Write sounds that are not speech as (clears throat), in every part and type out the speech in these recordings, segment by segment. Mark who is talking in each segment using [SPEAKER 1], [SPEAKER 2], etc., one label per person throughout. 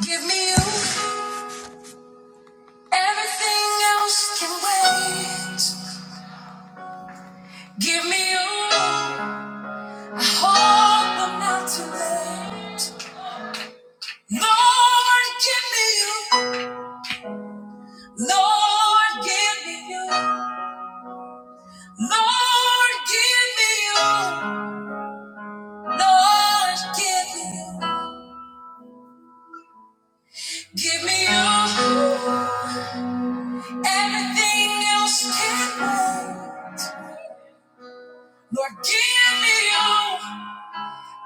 [SPEAKER 1] Give me you. Everything else can wait. Give me you. I hope I'm not too late. Lord, give me you. Lord, give me you. Lord, give me you. Lord, give me you. Give me you. Everything else can wait. Lord, give me you.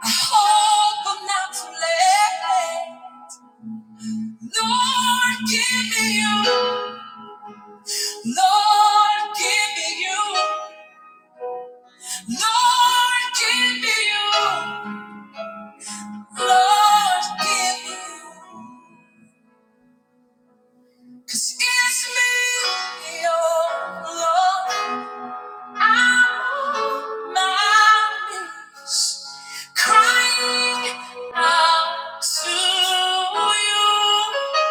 [SPEAKER 1] I hope I'm not too late. Lord, give me you. Lord, give me you. Lord, give me you. Lord, give me you. 'Cause it's me, your Lord. I'm on my knees, crying out to you.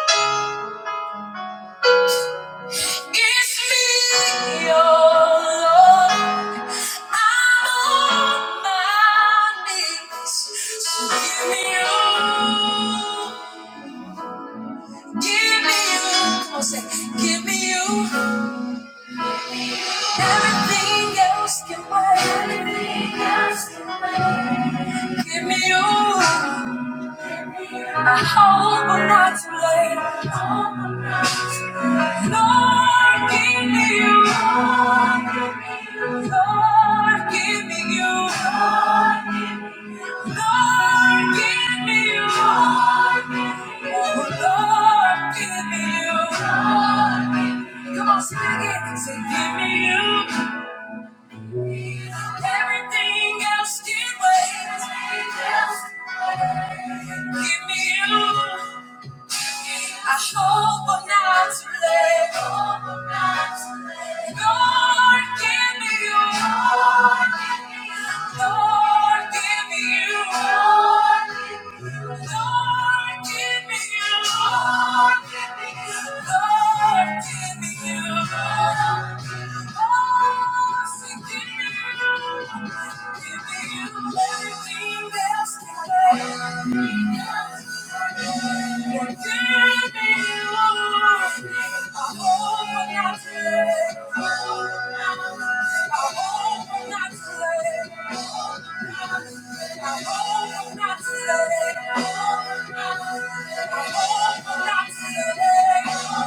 [SPEAKER 1] It's me, your Lord. I'm on my knees. So give me you. Give me you. Come on, say, give me you. Everything else can wait. Everything else can wait. Give me you. I hope I'm not too late. Lord, give me you. Lord, give me you. Lord, give me you. Oh, Lord, give me you. Come on, sing it again. Say, give me you. Everything else can wait. Give me you. I hope I'm not too late. Lord, give me you. Lord, give me you. Lord, give me you. Lord, give me you. Oh, say, give me you. I hope Thank you.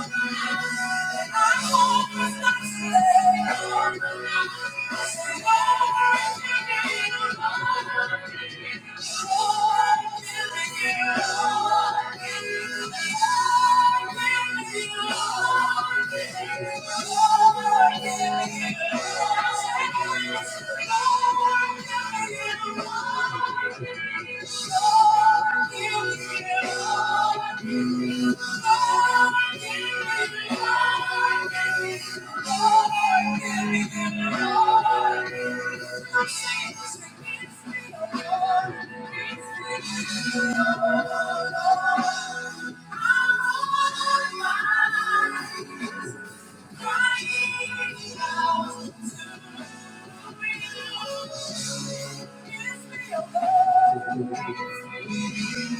[SPEAKER 1] Thank you. Thank you.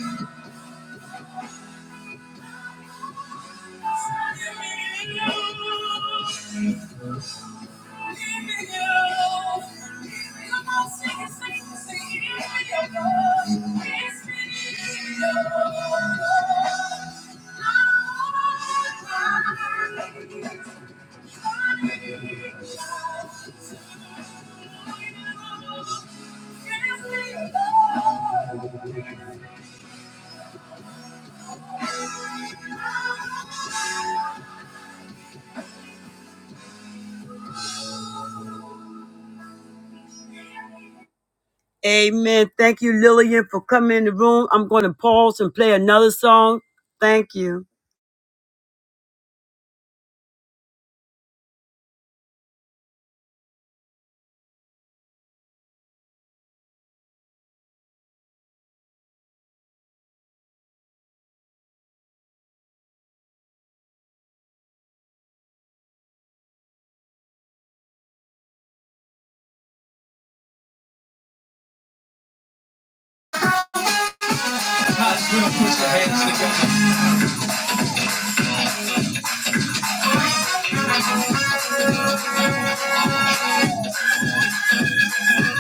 [SPEAKER 1] Thank you. Amen. Thank you, Lillian, for coming in the room. I'm going to pause and play another song. Thank you.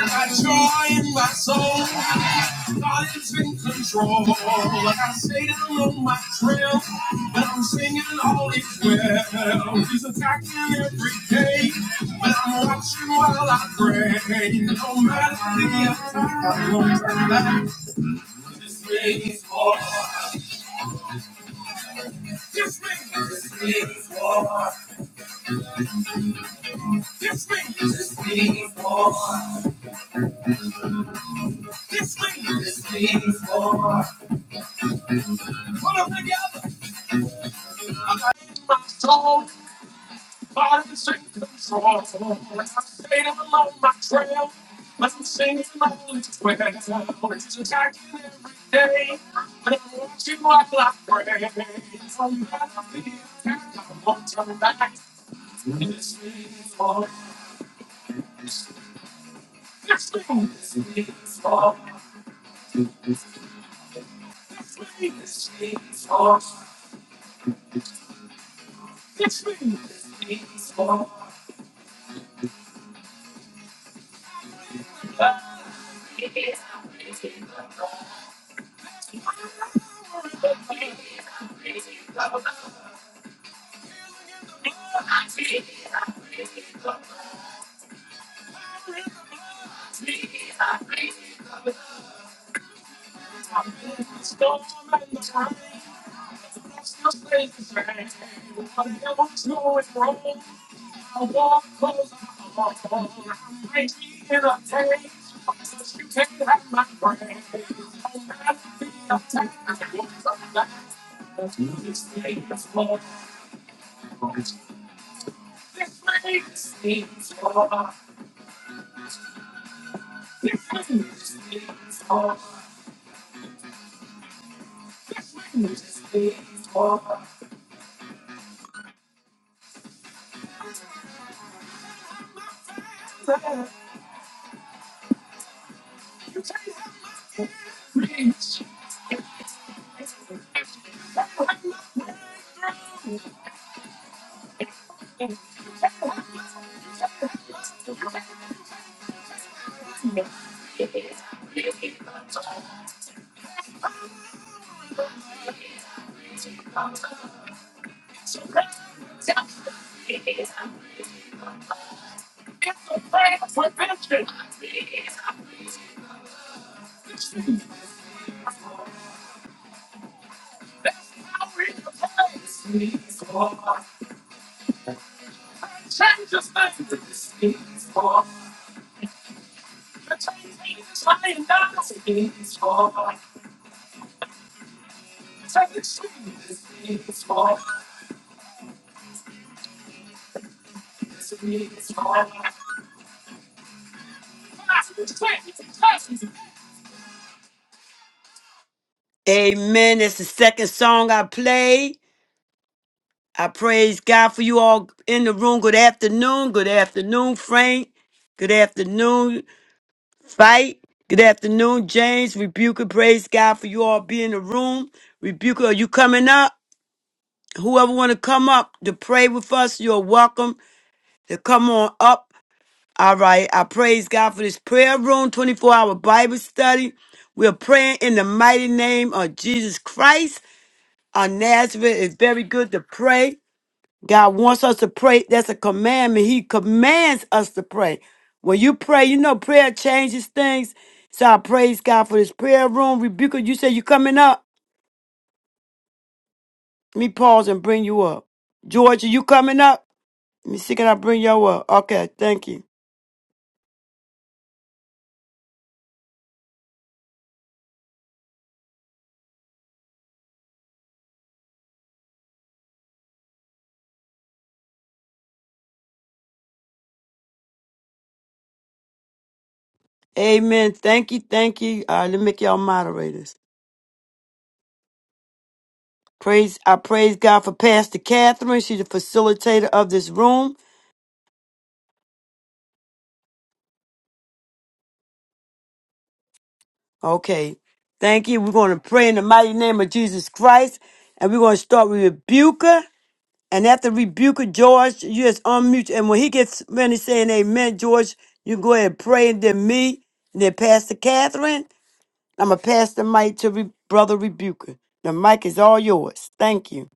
[SPEAKER 1] I joy in my soul. God is in control. I stayed along my trail, but I'm singing all is well. He's attacking every day, but I'm watching while I pray. No matter the attack, no matter the This means war. This means war. This thing is mean for. This thing is mean for. Put them together. Amen. That's the second song I played. I praise God for you all in the room. Good afternoon. Good afternoon, Frank. Good afternoon, Fight. Good afternoon, James. Rebuker, praise God for you all being in the room. Rebuker, are you coming up? Whoever want to come up to pray with us, you're welcome to come on up. All right. I praise God for this prayer room, 24 hour Bible study. We're praying in the mighty name of Jesus Christ. Our Nazareth is very good to pray. God wants us to pray. That's a commandment. He commands us to pray. When you pray, you know prayer changes things. So I praise God for this prayer room. Rebuker, you say you coming up. Let me pause and bring you up. Georgia, you coming up? Let me see, can I bring you up? Okay, thank you. Amen. Thank you, thank you. Uh, let me make y'all moderators. Praise I praise God for Pastor Catherine. She's the facilitator of this room. Okay. Thank you. We're going to pray in the mighty name of Jesus Christ. And we're going to start with Rebuker. And after Rebuker, George, you just unmute. And when he gets ready saying amen, George, you go ahead and pray. And then me, and then Pastor Catherine. I'm going to pass the mic to Re- Brother Rebuker. The mic is all yours. Thank you.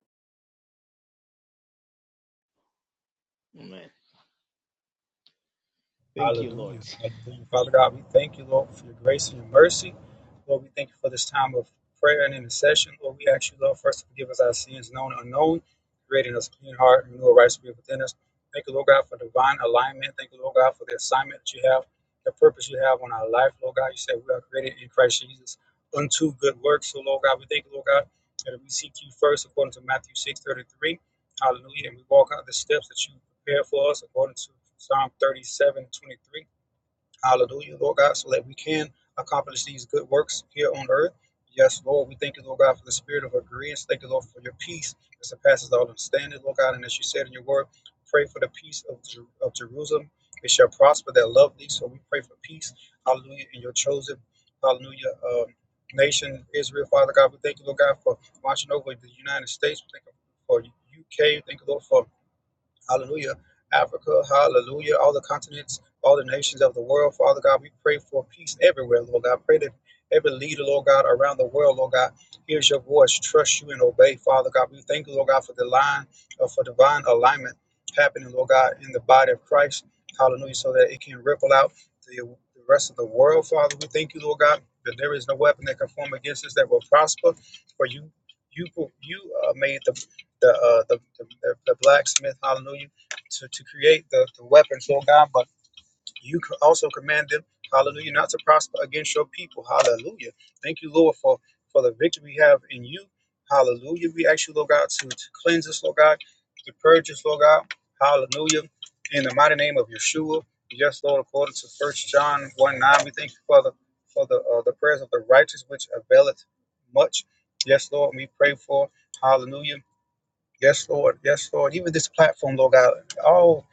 [SPEAKER 2] Amen. Thank you, Lord.
[SPEAKER 3] Hallelujah. Hallelujah. Father God, we thank you, Lord, for your grace and your mercy. Lord, we thank you for this time of prayer and intercession. Lord, we ask you, Lord, first to forgive us our sins, known and unknown, creating us a clean heart and renew a right spirit within us. Thank you, Lord God, for divine alignment. Thank you, Lord God, for the assignment that you have, the purpose you have on our life. Lord God, you said we are created in Christ Jesus unto good works. So, Lord God, we thank you, Lord God, that we seek you first according to Matthew 6:33. Hallelujah. And we walk out the steps that you prepared for us according to Psalm 37:23. Hallelujah, Lord God, so that we can accomplish these good works here on earth. Yes, Lord, we thank you, Lord God, for the spirit of agreement. Thank you, Lord, for your peace that surpasses all understanding, Lord God. And as you said in your word, pray for the peace of, Jer- of Jerusalem. It shall prosper that love thee. So we pray for peace, hallelujah, in your chosen, hallelujah, um, nation, Israel, Father God. We thank you, Lord God, for watching over the United States. We thank you for UK. Thank you, Lord, for Hallelujah. Africa, hallelujah. All the continents, all the nations of the world, Father God, we pray for peace everywhere, Lord God. Pray that every leader, Lord God, around the world, Lord God, hears your voice, trust you, and obey, Father God. We thank you, Lord God, for the line, uh, for divine alignment happening, Lord God, in the body of Christ, hallelujah, so that it can ripple out to the the rest of the world, Father. We thank you, Lord God, that there is no weapon that can form against us that will prosper, for you you you uh, made the the uh, the, the, the blacksmith, hallelujah, to, to create the, the weapons, Lord God, but you co- also command them, hallelujah, not to prosper against your people, hallelujah. Thank you, Lord, for, for the victory we have in you, hallelujah. We ask you, Lord God, to, to cleanse us, Lord God, to purge us, Lord God, hallelujah, in the mighty name of Yeshua. Yes, Lord, according to First John 1 9, we thank you for the for the uh, the prayers of the righteous which availeth much. Yes, Lord, we pray for hallelujah Yes, Lord. Yes, Lord. Even this platform, Lord God, all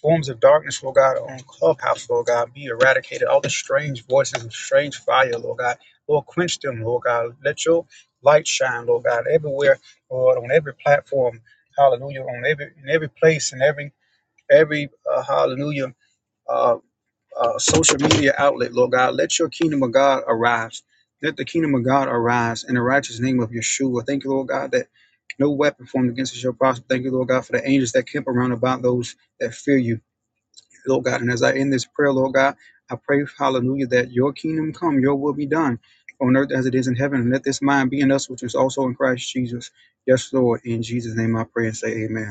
[SPEAKER 3] forms of darkness, Lord God, on Clubhouse, Lord God, be eradicated. All the strange voices and strange fire, Lord God, Lord, quench them, Lord God. Let your light shine, Lord God, everywhere, Lord, on every platform. Hallelujah. On every in every place in every every uh, hallelujah. uh, uh, social media outlet, Lord God. Let your kingdom of God arise. Let the kingdom of God arise in the righteous name of Yeshua. Thank you, Lord God, that no weapon formed against us shall prosper. Thank you, Lord God, for the angels that camp around about those that fear you, Lord God. And as I end this prayer, Lord God, I pray, hallelujah, that your kingdom come, your will be done on earth as it is in heaven. And let this mind be in us, which is also in Christ Jesus. Yes, Lord. In Jesus' name I pray and say amen.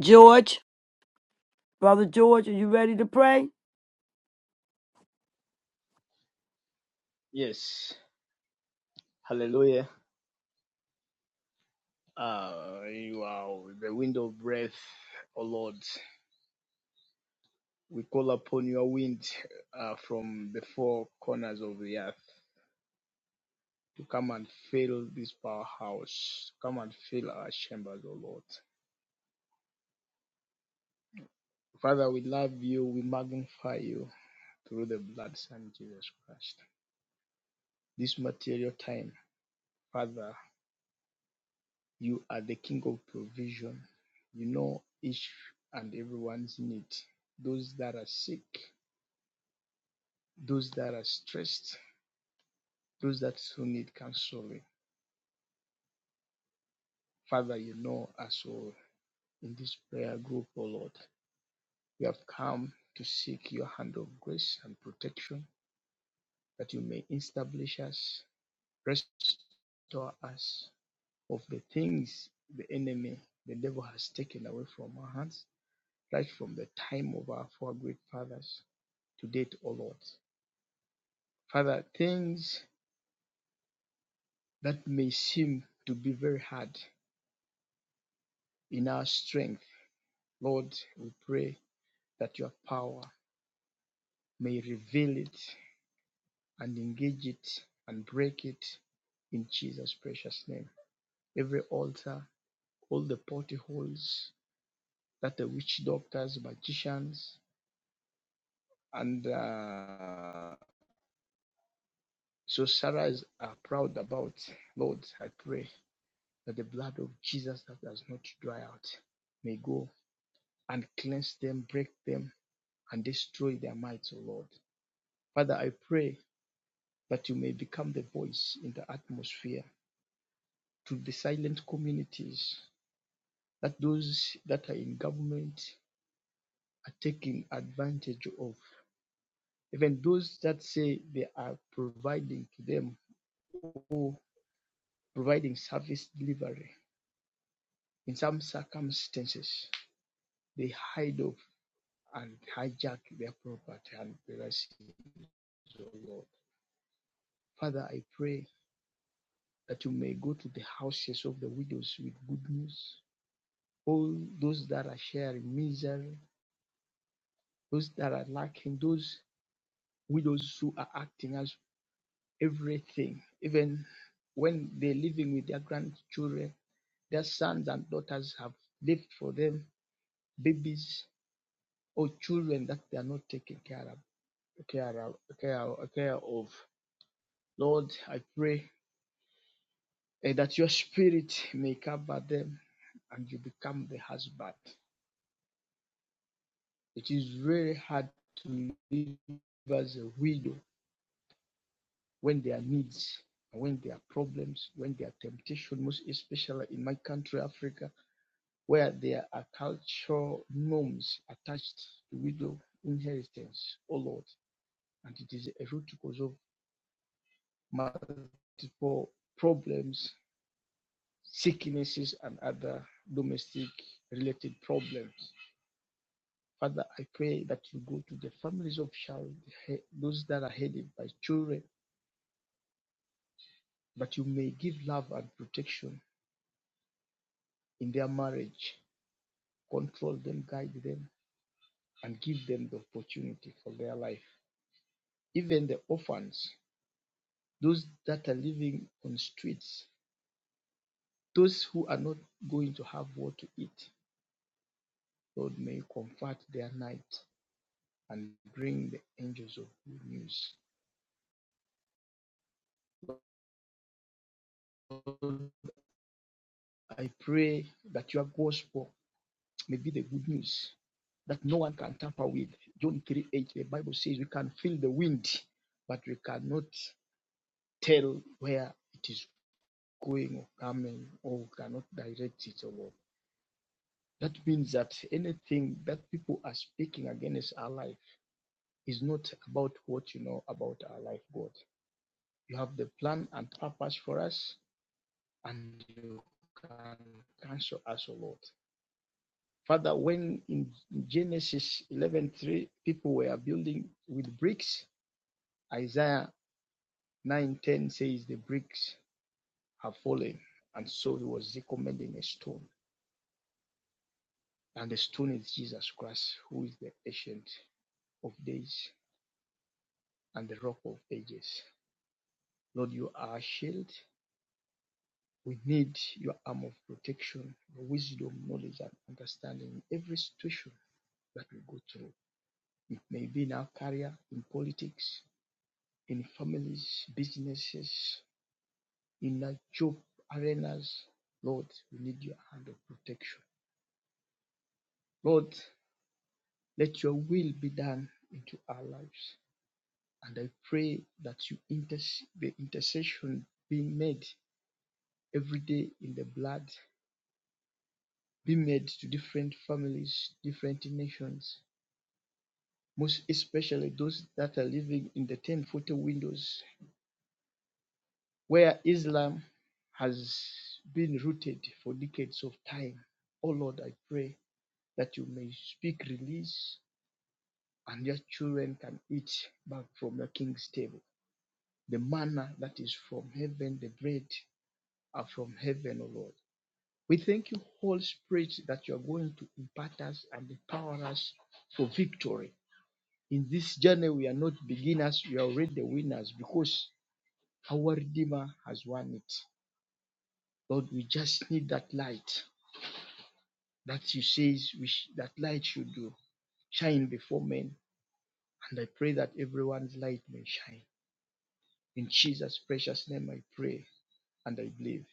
[SPEAKER 1] George, Brother George, are you ready to pray?
[SPEAKER 2] Yes. Hallelujah. Uh, you are the wind of breath, O Lord. We call upon your wind uh, from the four corners of the earth to come and fill this powerhouse, come and fill our chambers, O Lord. Father, we love you, we magnify you through the blood, Son Jesus Christ. This material time, Father, You are the King of provision. You know each and everyone's need. Those that are sick, those that are stressed, those that still need counseling. Father, you know us all in this prayer group, O Lord. We have come to seek your hand of grace and protection that you may establish us, restore us of the things the enemy, the devil has taken away from our hands, right from the time of our four great fathers. to date, O Lord. Father, things that may seem to be very hard in our strength, Lord, we pray that your power may reveal it and engage it and break it in Jesus' precious name. Every altar, all the portholes that the witch doctors, magicians, and uh, sorcerers are proud about, Lord, I pray that the blood of Jesus that does not dry out may go and cleanse them, break them, and destroy their might, O Lord. Father, I pray that you may become the voice in the atmosphere to the silent communities that those that are in government are taking advantage of. Even those that say they are providing to them or providing service delivery, in some circumstances, they hide off and hijack their property and blessings, O Lord. Father, I pray that you may go to the houses of the widows with good news. All those that are sharing misery, those that are lacking, those widows who are acting as everything, even when they're living with their grandchildren, their sons and daughters have left for them babies or children that they are not taking care of. Care, of- care, of- care of. Lord, I pray eh, that your spirit may cover them and you become the husband. It is very hard to live as a widow when their needs, when their problems, when their temptation, most especially in my country, Africa, where there are cultural norms attached to widow inheritance, oh Lord. And it is a root cause of multiple problems, sicknesses, and other domestic related problems. Father, I pray that you go to the families of child, those that are headed by children But you may give love and protection in their marriage, control them, guide them, and give them the opportunity for their life. Even the orphans, those that are living on streets, those who are not going to have what to eat, Lord, may you comfort their night and bring the angels of good news. I pray that your gospel may be the good news that no one can tamper with. John 3 8, the Bible says we can feel the wind, but we cannot tell where it is going or coming, or we cannot direct it, Or Lord. That means that anything that people are speaking against our life is not about what you know about our life, God. You have the plan and purpose for us, and you can cancel us, O Lord. Father, when in Genesis 11:3 people were building with bricks, Isaiah 9:10 says the bricks have fallen, and so he was recommending a stone. And the stone is Jesus Christ, who is the ancient of days and the rock of ages. Lord, you are our shield. We need your arm of protection, your wisdom, knowledge, and understanding in every situation that we go through. It may be in our career, in politics, in families, businesses, in our job arenas. Lord, we need your hand of protection. Lord, let your will be done into our lives. And I pray that you interce- the intercession being made every day in the blood be made to different families, different nations, most especially those that are living in the 1040 windows where Islam has been rooted for decades of time. Oh Lord, I pray that you may speak release and your children can eat back from your king's table. The manna that is from heaven, the bread are from heaven, O Lord. We thank you, Holy Spirit, that you are going to impart us and empower us for victory. In this journey, we are not beginners, we are already the winners because our Redeemer has won it. Lord, we just need that light that you say sh- that light should do shine before men. And I pray that everyone's light may shine. In Jesus' precious name, I pray and I believe.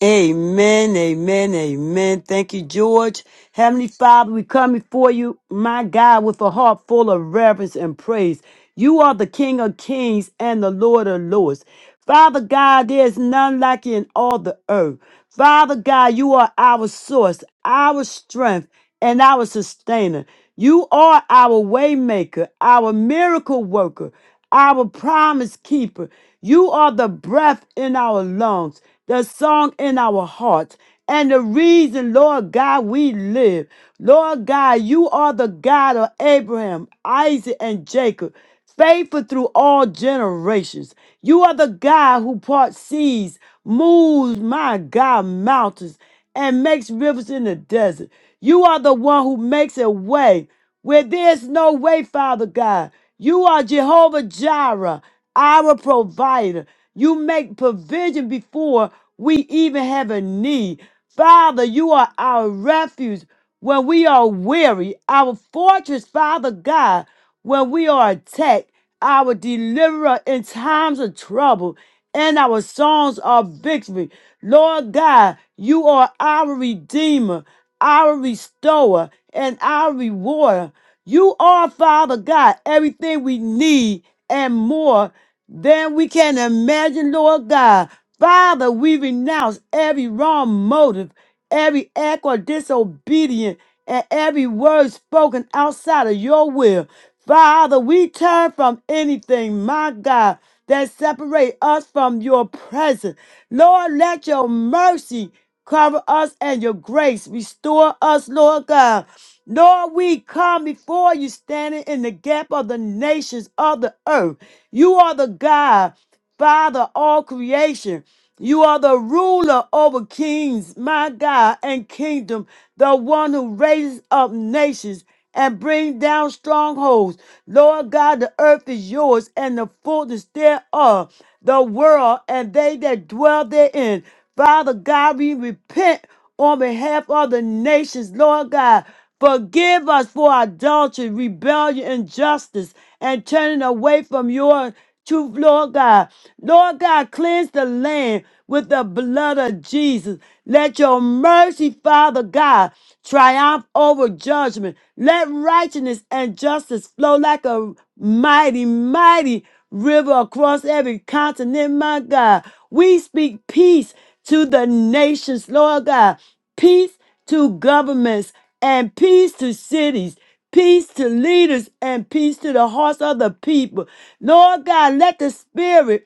[SPEAKER 1] Amen, amen, amen. Thank you, George. Heavenly Father, we come before you, my God, with a heart full of reverence and praise. You are the King of kings and the Lord of lords. Father God, there is none like you in all the earth. Father God, you are our source, our strength, and our sustainer. You are our waymaker, our miracle worker, our promise keeper. You are the breath in our lungs, the song in our hearts, and the reason, Lord God, we live. Lord God, you are the God of Abraham, Isaac, and Jacob, faithful through all generations. You are the God who parts seas, moves, my God, mountains, and makes rivers in the desert. You are the one who makes a way where there's no way, Father God. You are Jehovah Jireh, our provider. You make provision before we even have a need. Father, you are our refuge when we are weary, our fortress, Father God, when we are attacked, our deliverer in times of trouble, and our songs of victory. Lord God, you are our redeemer, our restorer, and our rewarder. You are, Father God, everything we need and more than we can imagine, Lord God. Father, we renounce every wrong motive, every act or disobedience, and every word spoken outside of your will. Father, we turn from anything, my God, that separate us from your presence. Lord, let your mercy cover us and your grace restore us, Lord God. Lord, we come before you standing in the gap of the nations of the earth. You are the God, Father, of all creation. You are the ruler over kings, my God, and kingdom, the one who raises up nations and bring down strongholds. Lord God, the earth is yours and the fullness thereof, the world and they that dwell therein. Father God, we repent on behalf of the nations, Lord God. Forgive us for adultery, rebellion, injustice, and turning away from your truth, Lord God. Lord God, cleanse the land with the blood of Jesus. Let your mercy, Father God, triumph over judgment. Let righteousness and justice flow like a mighty, mighty river across every continent, my God. We speak peace to the nations, Lord God. Peace to governments and peace to cities, peace to leaders, and peace to the hearts of the people. Lord God, let the Spirit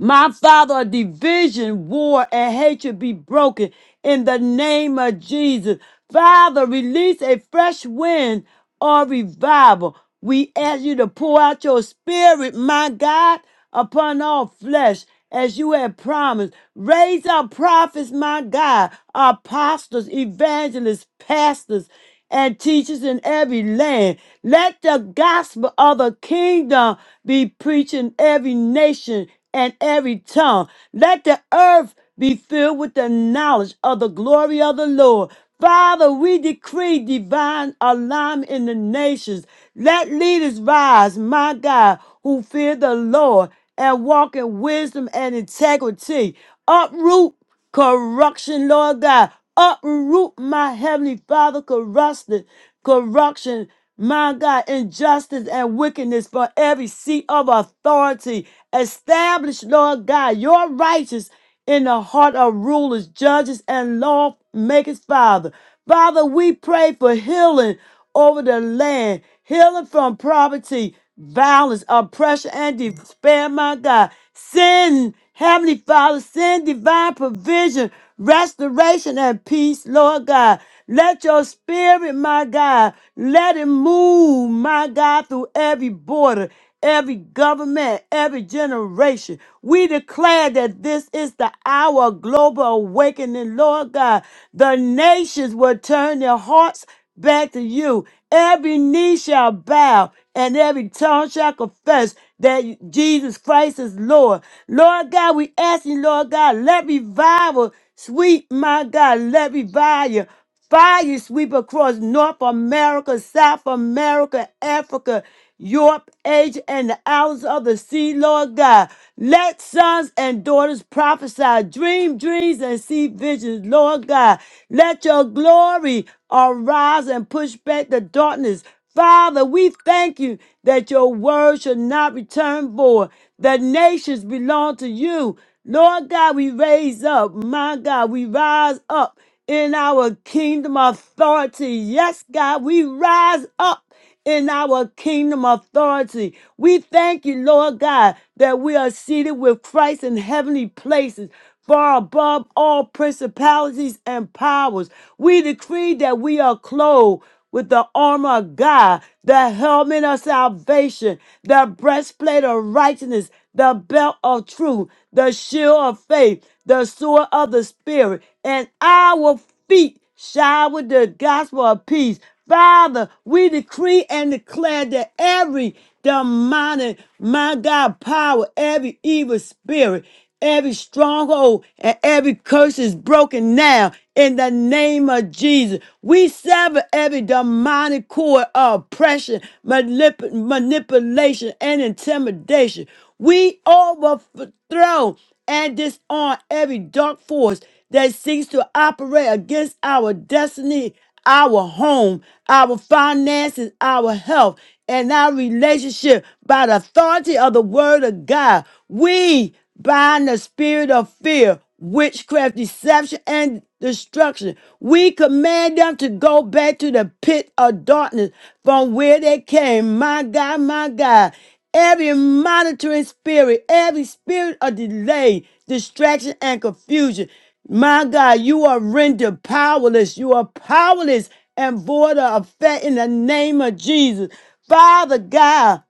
[SPEAKER 1] my Father, division, war, and hatred be broken in the name of Jesus. Father, release a fresh wind or revival. We ask you to pour out your spirit, my God, upon all flesh as you have promised. Raise up prophets, my God, apostles, evangelists, pastors and teachers in every land. Let the gospel of the kingdom be preached in every nation and every tongue. Let the earth be filled with the knowledge of the glory of the Lord. Father, we decree divine alignment in the nations. Let leaders rise, my God, who fear the Lord and walk in wisdom and integrity. Uproot corruption, Lord God. Uproot my heavenly Father, corruption, corruption, my God, injustice and wickedness for every seat of authority. Establish, Lord God, your righteousness in the heart of rulers, judges, and lawmakers, Father. Father, we pray for healing over the land, healing from poverty, violence, oppression, and despair, my God. Send, Heavenly Father, send divine provision, restoration, and peace, Lord God. Let your spirit, my God, let it move, my God, through every border, every government, every generation. We declare that this is the hour of global awakening, Lord God. The nations will turn their hearts back to you. Every knee shall bow and every tongue shall confess that Jesus Christ is Lord. Lord God, we ask you, Lord God, let revival, sweet my God, let revival. Fire you sweep across North America, South America, Africa, Europe, Asia, and the islands of the sea, Lord God. Let sons and daughters prophesy, dream dreams, and see visions, Lord God. Let your glory arise and push back the darkness. Father, we thank you that your word shall not return void. The nations belong to you. Lord God, we raise up. My God, we rise up in our kingdom authority. Yes, God, we rise up in our kingdom authority. We thank you, Lord God, that we are seated with Christ in heavenly places. Far above all principalities and powers, we decree that we are clothed with the armor of God, the helmet of salvation, the breastplate of righteousness, the belt of truth, the shield of faith, the sword of the Spirit, and our feet shower the gospel of peace. Father, we decree and declare that every demonic, my God, power, every evil spirit, every stronghold, and every curse is broken now in the name of Jesus. We sever every demonic cord of oppression, manip- manipulation, and intimidation. We overthrow and disarm every dark force that seeks to operate against our destiny, our home, our finances, our health, and our relationship by the authority of the word of God. We bind the spirit of fear, witchcraft, deception, and destruction. We command them to go back to the pit of darkness from where they came. My God, my God. Every monitoring spirit, every spirit of delay, distraction, and confusion. My God, you are rendered powerless. You are powerless and void of effect in the name of Jesus. Father God.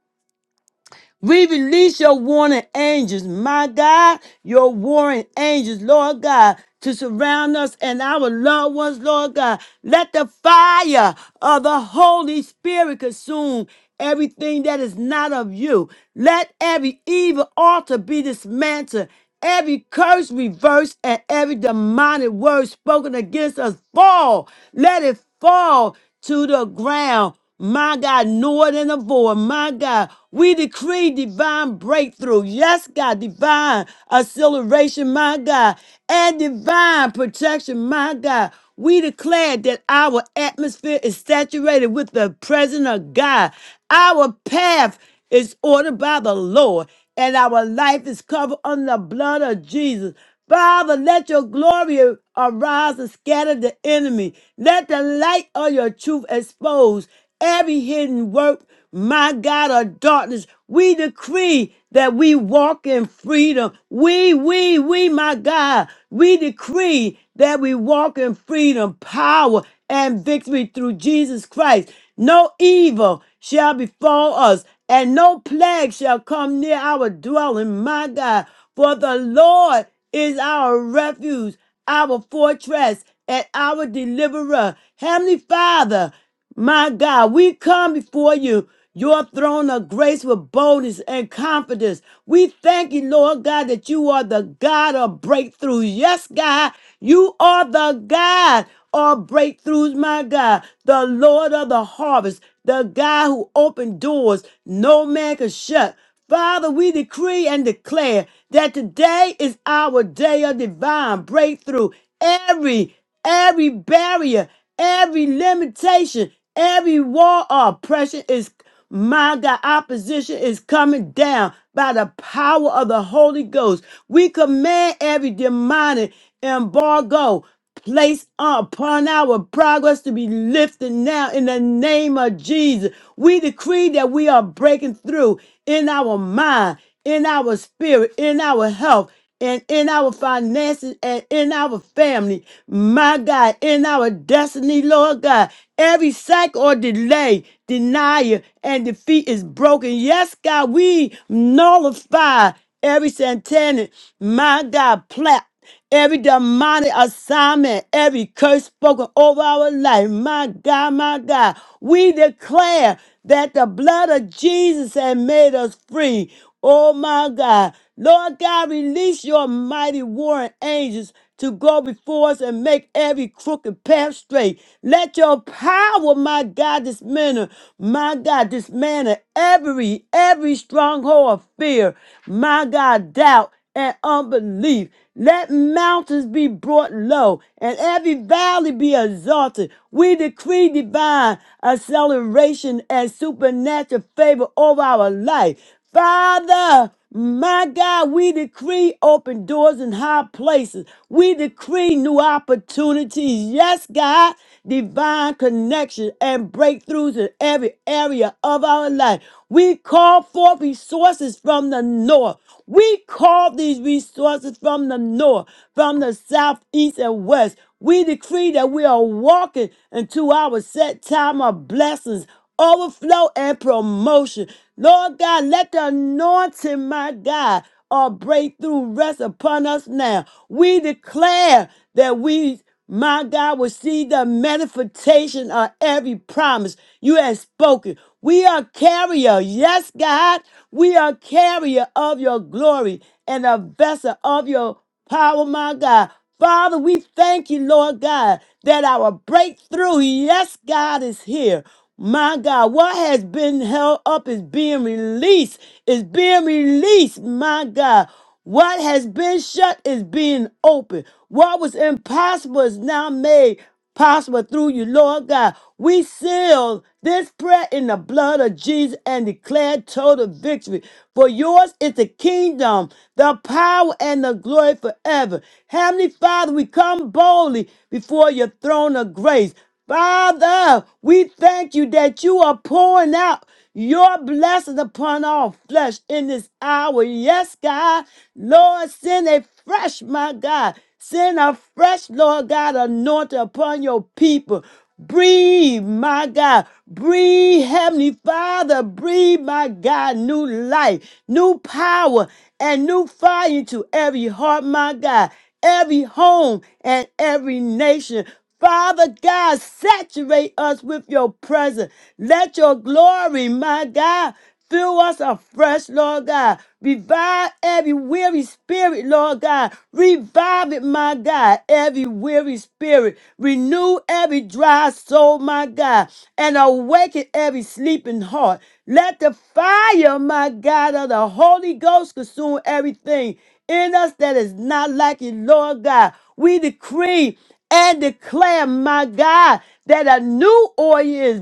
[SPEAKER 1] We release your warring angels, my God, your warring angels, Lord God, to surround us and our loved ones, Lord God. Let the fire of the Holy Spirit consume everything that is not of you. Let every evil altar be dismantled, every curse reversed, and every demonic word spoken against us fall. Let it fall to the ground. My God, know it and avoid. My God, we decree divine breakthrough. Yes, God, divine acceleration, my God, and divine protection, my God. We declare that our atmosphere is saturated with the presence of God. Our path is ordered by the Lord, and our life is covered under the blood of Jesus. Father, let your glory arise and scatter the enemy. Let the light of your truth expose every hidden work, my God, of darkness. We decree that we walk in freedom. We, we, we, my God, we decree that we walk in freedom, power, and victory through Jesus Christ. No evil shall befall us, and no plague shall come near our dwelling, my God. For the Lord is our refuge, our fortress, and our deliverer. Heavenly Father, my God, we come before you, your throne of grace with boldness and confidence. We thank you, Lord God, that you are the God of breakthroughs. Yes, God, you are the God of breakthroughs, my God, the Lord of the harvest, the God who opened doors no man could shut. Father, we decree and declare that today is our day of divine breakthrough. Every, every barrier, every limitation, every wall of oppression is my God, opposition is coming down by the power of the Holy Ghost. We command every demonic embargo place upon our progress to be lifted now in the name of Jesus. We decree that we are breaking through in our mind, in our spirit, in our health. And in our finances and in our family, my God, in our destiny, Lord God, every sack or delay, denial, and defeat is broken. Yes, God, we nullify every satanic, my God, plot every demonic assignment, every curse spoken over our life. My God, my God, we declare that the blood of Jesus has made us free. Oh my God. Lord God, release your mighty warring angels to go before us and make every crooked path straight. Let your power, my God, dismantle, my God, dismantle every, every stronghold of fear, my God, doubt, and unbelief. Let mountains be brought low and every valley be exalted. We decree divine acceleration and supernatural favor over our life. Father, my God, we decree open doors in high places. We decree new opportunities. Yes, God, divine connection and breakthroughs in every area of our life. We call forth resources from the north. We call these resources from the north, from the south, east, and west. We decree that we are walking into our set time of blessings, overflow, and promotion. Lord God, let the anointing, my God, or breakthrough rest upon us now. We declare that we my God, will see the manifestation of every promise you have spoken. We are carrier, yes, God, we are carrier of your glory and a vessel of your power, my God. Father, we thank you, Lord God, that our breakthrough, yes, God, is here. My God, what has been held up is being released, is being released, my God. What has been shut is being open. What was impossible is now made possible through you, Lord God. We seal this prayer in the blood of Jesus and declare total victory. For yours is the kingdom, the power, and the glory forever. Heavenly Father, we come boldly before your throne of grace. Father, we thank you that you are pouring out. Your blessings upon all flesh in this hour. Yes, God. Lord, send a fresh, my God. Send a fresh, Lord God, anointing upon your people. Breathe, my God. Breathe, Heavenly Father. Breathe, my God, new life, new power, and new fire into every heart, my God, every home, and every nation. Father God, saturate us with your presence. Let your glory, my God, fill us afresh, Lord God. Revive every weary spirit, Lord God. Revive it, my God, every weary spirit. Renew every dry soul, my God, and awaken every sleeping heart. Let the fire, my God, of the Holy Ghost consume everything in us that is not like you, Lord God. We decree and declare, my God, that a new oil is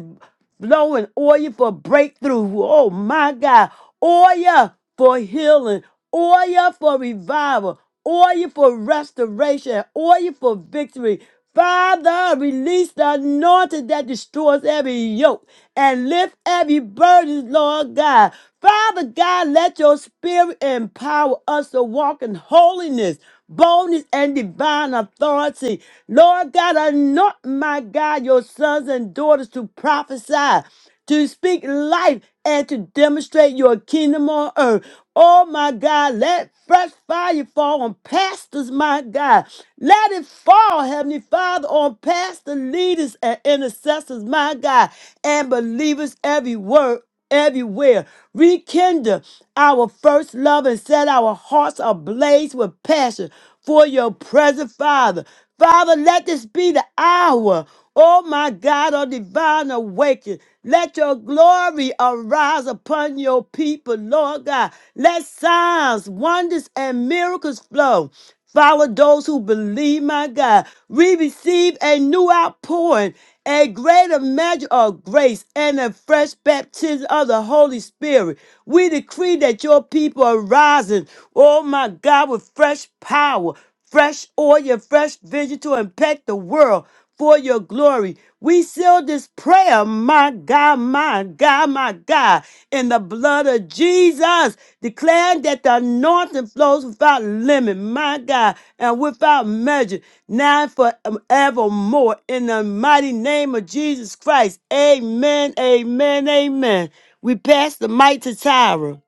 [SPEAKER 1] blowing, oil for breakthrough. Oh, my God. Oil for healing, oil for revival, oil for restoration, oil for victory. Father, release the anointing that destroys every yoke and lift every burden, Lord God. Father God, let your spirit empower us to walk in holiness, boldness, and divine authority. Lord God, anoint my God, your sons and daughters to prophesy to speak life and to demonstrate your kingdom on earth. Oh my God, let fresh fire fall on pastors, my God. Let it fall, Heavenly Father, on pastor leaders and intercessors, my God, and believers everywhere. Everywhere, rekindle our first love and set our hearts ablaze with passion for your presence, Father. Father, let this be the hour, oh my God, of divine awakening. Let your glory arise upon your people, Lord God. Let signs, wonders, and miracles flow. Follow those who believe, my God. We receive a new outpouring a greater measure of grace and a fresh baptism of the Holy Spirit. We decree that your people are rising, oh my God, with fresh power, fresh oil, and fresh vision to impact the world for your glory. We seal this prayer, my God, my God, my God, in the blood of Jesus, declaring that the anointing flows without limit, my God, and without measure now and forevermore. In the mighty name of Jesus Christ. Amen, amen, amen. We pass the mic to Tyra.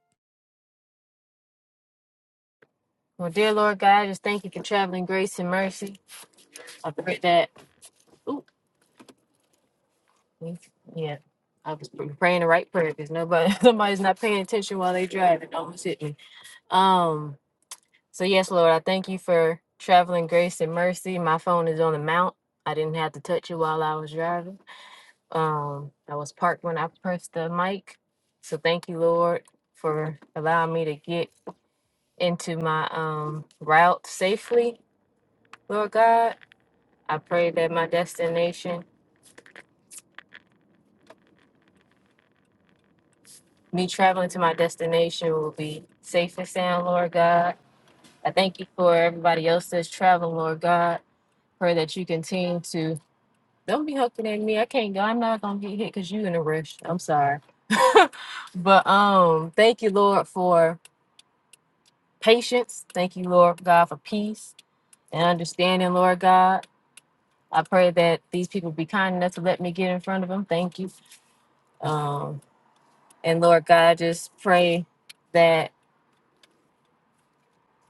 [SPEAKER 4] Well, dear Lord God, I just thank you for traveling grace and mercy. I pray that, ooh, yeah, I was pr- praying the right prayer because nobody, (laughs) somebody's not paying attention while they drive. It almost hit me. Um, so yes, Lord, I thank you for traveling grace and mercy. My phone is on the mount. I didn't have to touch it while I was driving. Um, I was parked when I pressed the mic. So thank you, Lord, for allowing me to get into my um route safely, Lord God. I pray that my destination, me traveling to my destination, will be safe and sound, Lord God. I thank you for everybody else that's traveling, Lord God. Pray that you continue to. Don't be hooking at me. I can't go. I'm not gonna get hit because you in a rush. I'm sorry. (laughs) but um, thank you, Lord, for patience. Thank you, Lord God, for peace and understanding, Lord God. I pray that these people be kind enough to let me get in front of them. Thank you. Um, and Lord God, I just pray that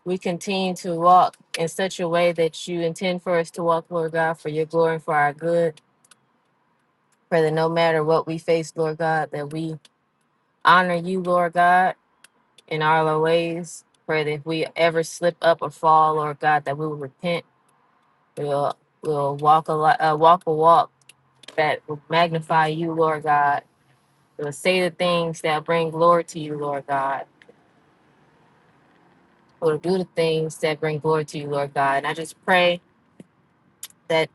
[SPEAKER 4] we continue to walk in such a way that you intend for us to walk, Lord God, for your glory and for our good. Pray that no matter what we face, Lord God, that we honor you, Lord God, in all our ways. Pray that if we ever slip up or fall, Lord God, that we will repent. We'll we'll walk a lot, uh, walk a walk that will magnify you, Lord God. We'll say the things that bring glory to you, Lord God. We'll do the things that bring glory to you, Lord God. And I just pray that.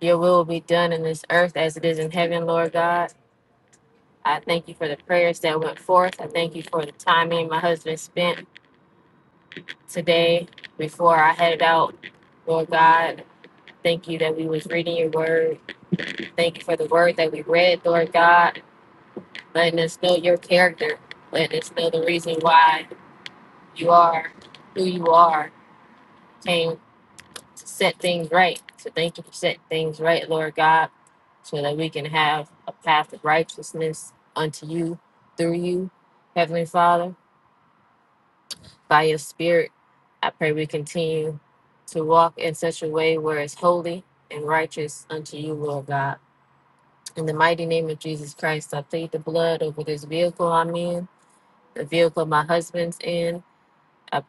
[SPEAKER 4] Your will be done in this earth as it is in heaven, Lord God. I thank you for the prayers that went forth. I thank you for the time me and my husband spent today before I headed out, Lord God. Thank you that we was reading your word. Thank you for the word that we read, Lord God, letting us know your character, letting us know the reason why you are who you are, came to set things right. So thank you for setting things right, Lord God, so that we can have a path of righteousness unto you, through you, Heavenly Father, by your Spirit. I pray we continue to walk in such a way where it's holy and righteous unto you, Lord God. In the mighty name of Jesus Christ, I plead the blood over this vehicle I'm in, the vehicle my husband's in. I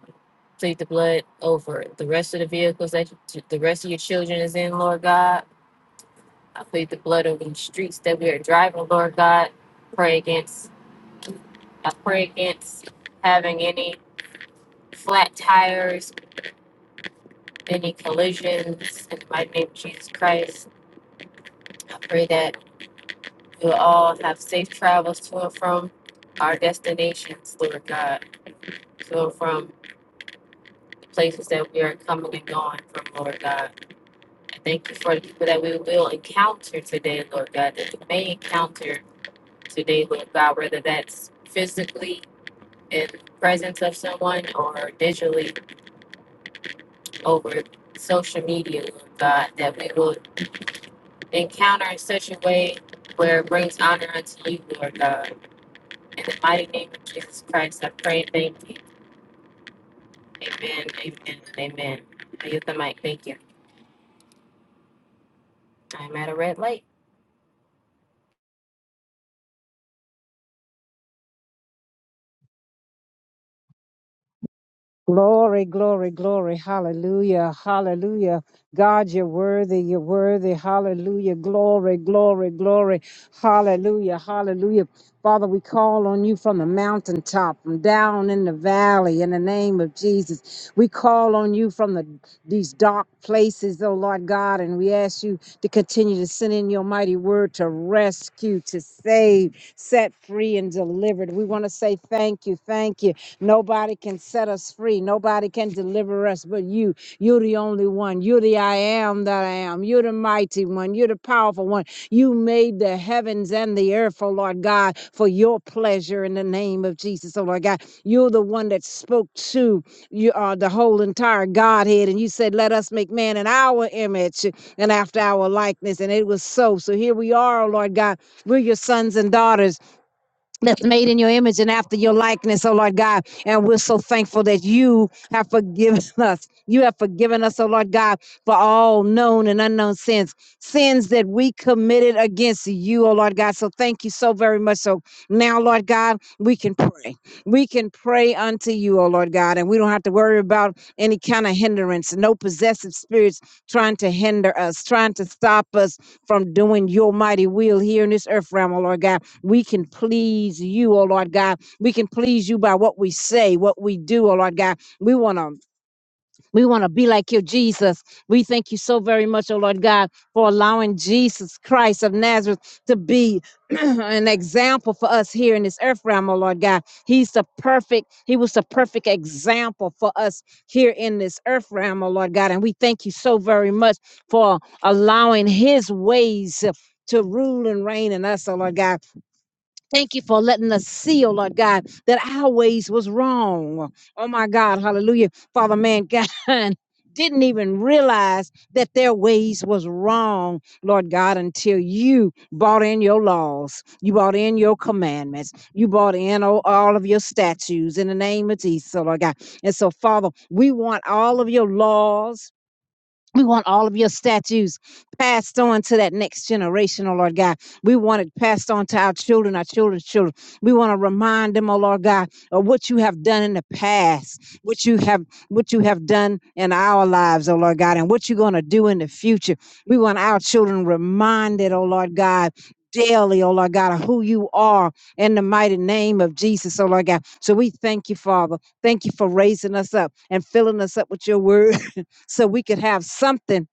[SPEAKER 4] plead the blood over the rest of the vehicles that you- the rest of your children is in, Lord God I plead the blood over the streets that we are driving, Lord God. Pray against, I pray against having any flat tires, any collisions. In my name, of Jesus Christ, I pray that we'll all have safe travels to and from our destinations, Lord God, to and from the places that we are coming and going from, Lord God. I thank you for the people that we will encounter today, Lord God, that we may encounter today, Lord God, whether that's physically in presence of someone or digitally over social media, Lord God, that we will encounter in such a way where it brings honor unto you, Lord God. In the mighty name of Jesus Christ, I pray and thank you. Amen, amen, and amen. I use the mic. Thank you. I'm at a red light.
[SPEAKER 5] Glory, glory, glory. Hallelujah. Hallelujah. God, you're worthy. You're worthy. Hallelujah. Glory, glory, glory. Hallelujah. Hallelujah. Father, we call on you from the mountaintop, from down in the valley, in the name of Jesus. We call on you from the these dark places, oh Lord God, and we ask you to continue to send in your mighty word to rescue, to save, set free, and delivered. We want to say thank you, thank you. Nobody can set us free. Nobody can deliver us but you. You're the only one. You're the I am that I am. You're the mighty one. You're the powerful one. You made the heavens and the earth, oh Lord God, for your pleasure in the name of Jesus, oh Lord God. You're the one that spoke to you, uh, the whole entire Godhead, and you said, Let us make man in our image and after our likeness. And it was so. So here we are, oh Lord God. We're your sons and daughters that's made in your image and after your likeness, oh Lord God. And we're so thankful that you have forgiven (laughs) us. You have forgiven us, oh Lord God, for all known and unknown sins, sins that we committed against you, oh Lord God. So thank you so very much. So now, Lord God, we can pray. We can pray unto you, oh Lord God, and we don't have to worry about any kind of hindrance, no possessive spirits trying to hinder us, trying to stop us from doing your mighty will here in this earth realm, oh Lord God we can please you, oh Lord God. We can please you by what we say, what we do, oh Lord God. We want to we want to be like you, Jesus. We thank you so very much, oh Lord God, for allowing Jesus Christ of Nazareth to be (clears throat) an example for us here in this earth realm, oh Lord God. He's the perfect, he was the perfect example for us here in this earth realm, oh Lord God. And we thank you so very much for allowing his ways to rule and reign in us, oh Lord God. Thank you for letting us see, oh Lord God, that our ways was wrong. Oh my God, hallelujah. Father, mankind (laughs) didn't even realize that their ways was wrong, Lord God, until you brought in your laws. You brought in your commandments. You brought in oh, all of your statutes in the name of Jesus, oh Lord God. And so, Father, we want all of your laws we want all of your statues passed on to that next generation, oh Lord God. We want it passed on to our children, our children's children. We want to remind them, oh Lord God, of what you have done in the past, what you have what you have done in our lives, oh Lord God, and what you're going to do in the future. We want our children reminded, oh Lord God. Daily, oh Lord God, of who you are in the mighty name of Jesus, oh Lord God. So we thank you, Father. Thank you for raising us up and filling us up with your word so we could have something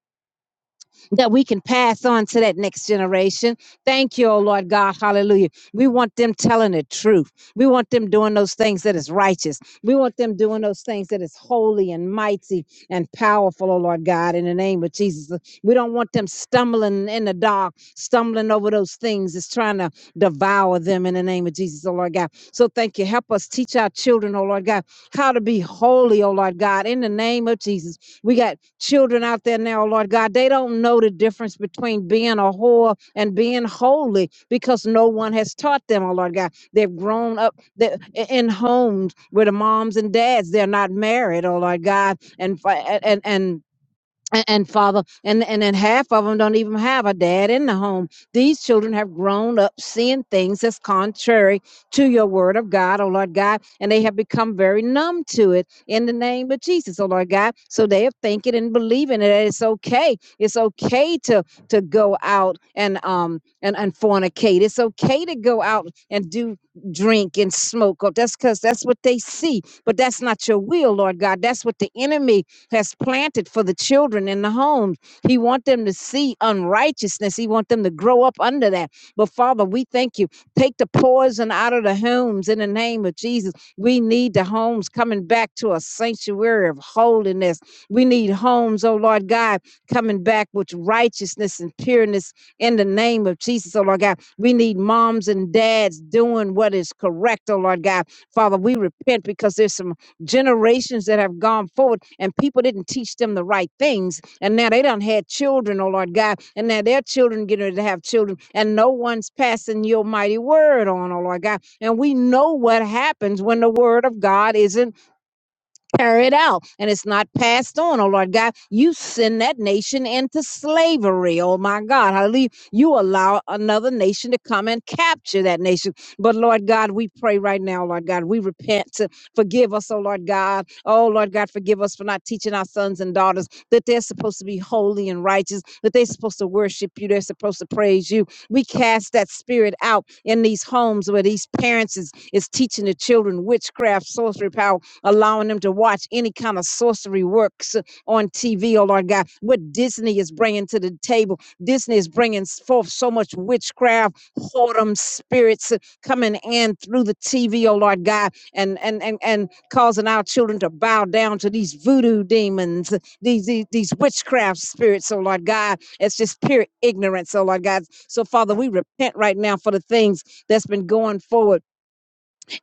[SPEAKER 5] that we can pass on to that next generation. Thank you, oh Lord God. Hallelujah. We want them telling the truth. We want them doing those things that is righteous. We want them doing those things that is holy and mighty and powerful, oh Lord God, in the name of Jesus. We don't want them stumbling in the dark, stumbling over those things that's trying to devour them in the name of Jesus, oh Lord God. So thank you. Help us teach our children, oh Lord God, how to be holy, oh Lord God, in the name of Jesus. We got children out there now, Lord God. They don't know the difference between being a whore and being holy because no one has taught them, oh Lord God. They've grown up the- in homes where the moms and dads, they're not married, oh Lord God. And, fi- and, and, and, and father and and then half of them don't even have a dad in the home these children have grown up seeing things that's contrary to your word of god oh lord god and they have become very numb to it in the name of jesus oh lord god so they are thinking and believing that it's okay it's okay to to go out and um and, and fornicate it's okay to go out and do drink and smoke oh that's because that's what they see but that's not your will lord god that's what the enemy has planted for the children in the homes. He wants them to see unrighteousness. He wants them to grow up under that. But Father, we thank you. Take the poison out of the homes in the name of Jesus. We need the homes coming back to a sanctuary of holiness. We need homes, oh Lord God, coming back with righteousness and pureness in the name of Jesus, oh Lord God. We need moms and dads doing what is correct, oh Lord God. Father, we repent because there's some generations that have gone forward and people didn't teach them the right things. And now they done had children, oh Lord God, and now their children getting ready to have children, and no one's passing your mighty word on, oh Lord God. And we know what happens when the word of God isn't carried out and it's not passed on. Oh Lord God, you send that nation into slavery. Oh my God, hallelujah. You allow another nation to come and capture that nation. But Lord God, we pray right now, Lord God, we repent. To forgive us, oh Lord God. Oh Lord God, forgive us for not teaching our sons and daughters that they're supposed to be holy and righteous, that they're supposed to worship you, they're supposed to praise you. We cast that spirit out in these homes where these parents is, is teaching the children witchcraft, sorcery power allowing them to watch any kind of sorcery works uh, on TV, oh Lord God. What Disney is bringing to the table, Disney is bringing forth so much witchcraft, whoredom spirits uh, coming in through the TV, oh Lord God, and and and and causing our children to bow down to these voodoo demons, uh, these these, these witchcraft spirits, oh Lord God. It's just pure ignorance, oh Lord God. So Father, we repent right now for the things that's been going forward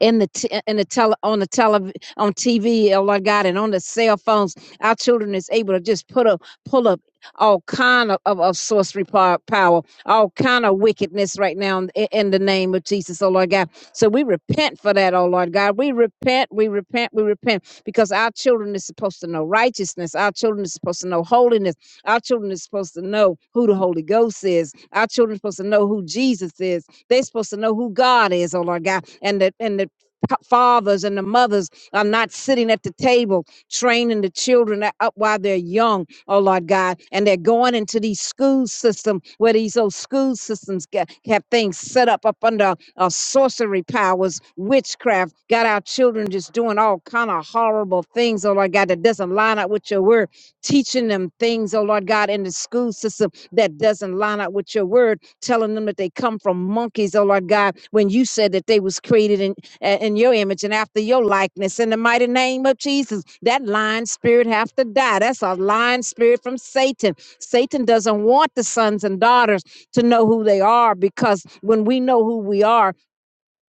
[SPEAKER 5] in the t- in the tele on the tele on TV, oh Lord God, and on the cell phones. Our children is able to just put up pull up all kind of, of, of sorcery pow- power, all kind of wickedness right now in, in the name of Jesus, oh Lord God. So we repent for that, oh Lord God. We repent, we repent, we repent because our children is supposed to know righteousness. Our children is supposed to know holiness. Our children is supposed to know who the Holy Ghost is. Our children are supposed to know who Jesus is. They're supposed to know who God is, oh Lord God, and that and the pa- fathers and the mothers are not sitting at the table training the children up while they're young, oh Lord God, and they're going into these school system where these old school systems get have things set up up under uh, sorcery powers, witchcraft, got our children just doing all kind of horrible things, oh Lord God, that doesn't line up with your word, teaching them things, oh Lord God, in the school system that doesn't line up with your word, telling them that they come from monkeys, oh Lord God, when you said that they was created in a- in your image and after your likeness in the mighty name of Jesus. That lying spirit have to die. That's a lying spirit from Satan. Satan doesn't want the sons and daughters to know who they are because when we know who we are,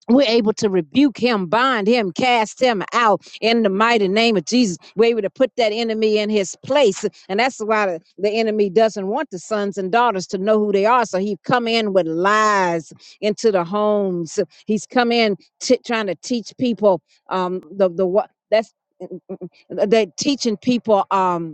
[SPEAKER 5] we're able to rebuke him, bind him, cast him out in the mighty name of Jesus. We're able to put that enemy in his place. And that's why the, the enemy doesn't want the sons and daughters to know who they are. So he come in with lies into the homes. He's come in t- trying to teach people um, the, the what that's they teaching people. Um,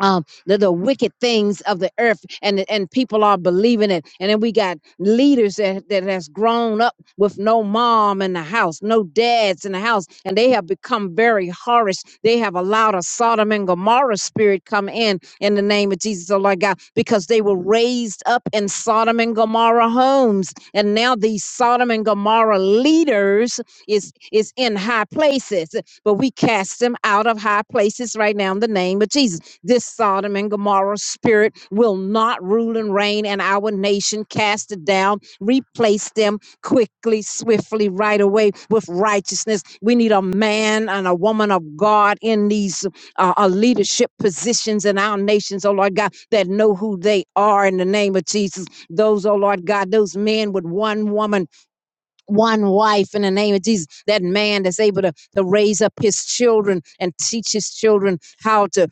[SPEAKER 5] um, the, the wicked things of the earth and and people are believing it and then we got leaders that, that has grown up with no mom in the house no dads in the house and they have become very harsh they have allowed a sodom and gomorrah spirit come in in the name of jesus oh lord god because they were raised up in sodom and gomorrah homes and now these sodom and gomorrah leaders is is in high places but we cast them out of high places right now in the name of jesus this Sodom and Gomorrah spirit will not rule and reign in our nation. Cast it down, replace them quickly, swiftly, right away with righteousness. We need a man and a woman of God in these uh, uh, leadership positions in our nations, oh Lord God, that know who they are in the name of Jesus. Those, oh Lord God, those men with one woman one wife in the name of Jesus. That man that's able to, to raise up his children and teach his children how to,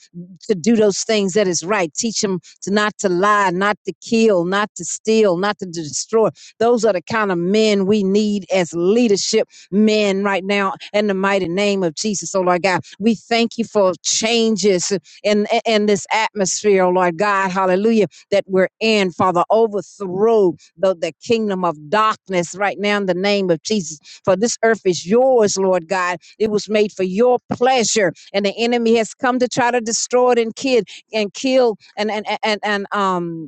[SPEAKER 5] to do those things that is right. Teach them to not to lie, not to kill, not to steal, not to destroy. Those are the kind of men we need as leadership men right now in the mighty name of Jesus. Oh Lord God, we thank you for changes in, in this atmosphere, oh Lord God, hallelujah, that we're in, Father. Overthrow the, the kingdom of darkness right now in the name of Jesus. For this earth is yours, Lord God. It was made for your pleasure, and the enemy has come to try to destroy it and kid and kill and and and and um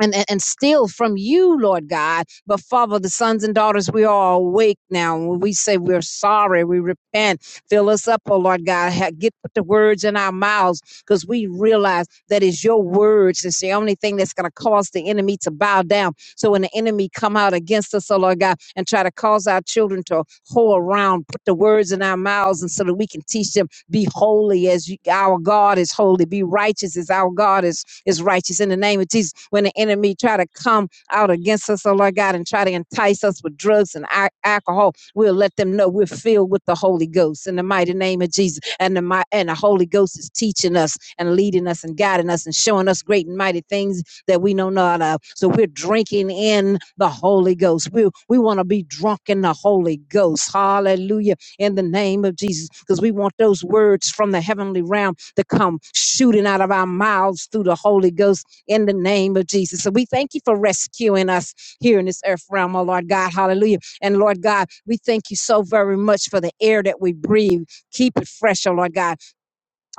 [SPEAKER 5] and, and, and steal from you, Lord God. But Father, the sons and daughters, we are awake now. When we say we're sorry, we repent. Fill us up, oh Lord God. Ha- Get the words in our mouths because we realize that is your words. It's the only thing that's going to cause the enemy to bow down. So when the enemy come out against us, oh Lord God, and try to cause our children to whore around, put the words in our mouths, and so that we can teach them, be holy as you, our God is holy, be righteous as our God is is righteous. In the name of Jesus, when the enemy try to come out against us, oh Lord God, and try to entice us with drugs and alcohol, we'll let them know we're filled with the Holy Ghost in the mighty name of Jesus. And the mi- and the Holy Ghost is teaching us and leading us and guiding us and showing us great and mighty things that we know not of. So we're drinking in the Holy Ghost. We we want to be drunk in the Holy Ghost. Hallelujah in the name of Jesus because we want those words from the heavenly realm to come shooting out of our mouths through the Holy Ghost in the name of Jesus. So we thank you for rescuing us here in this earth realm, oh Lord God. Hallelujah. And Lord God, we thank you so very much for the air that we breathe. Keep it fresh, oh Lord God.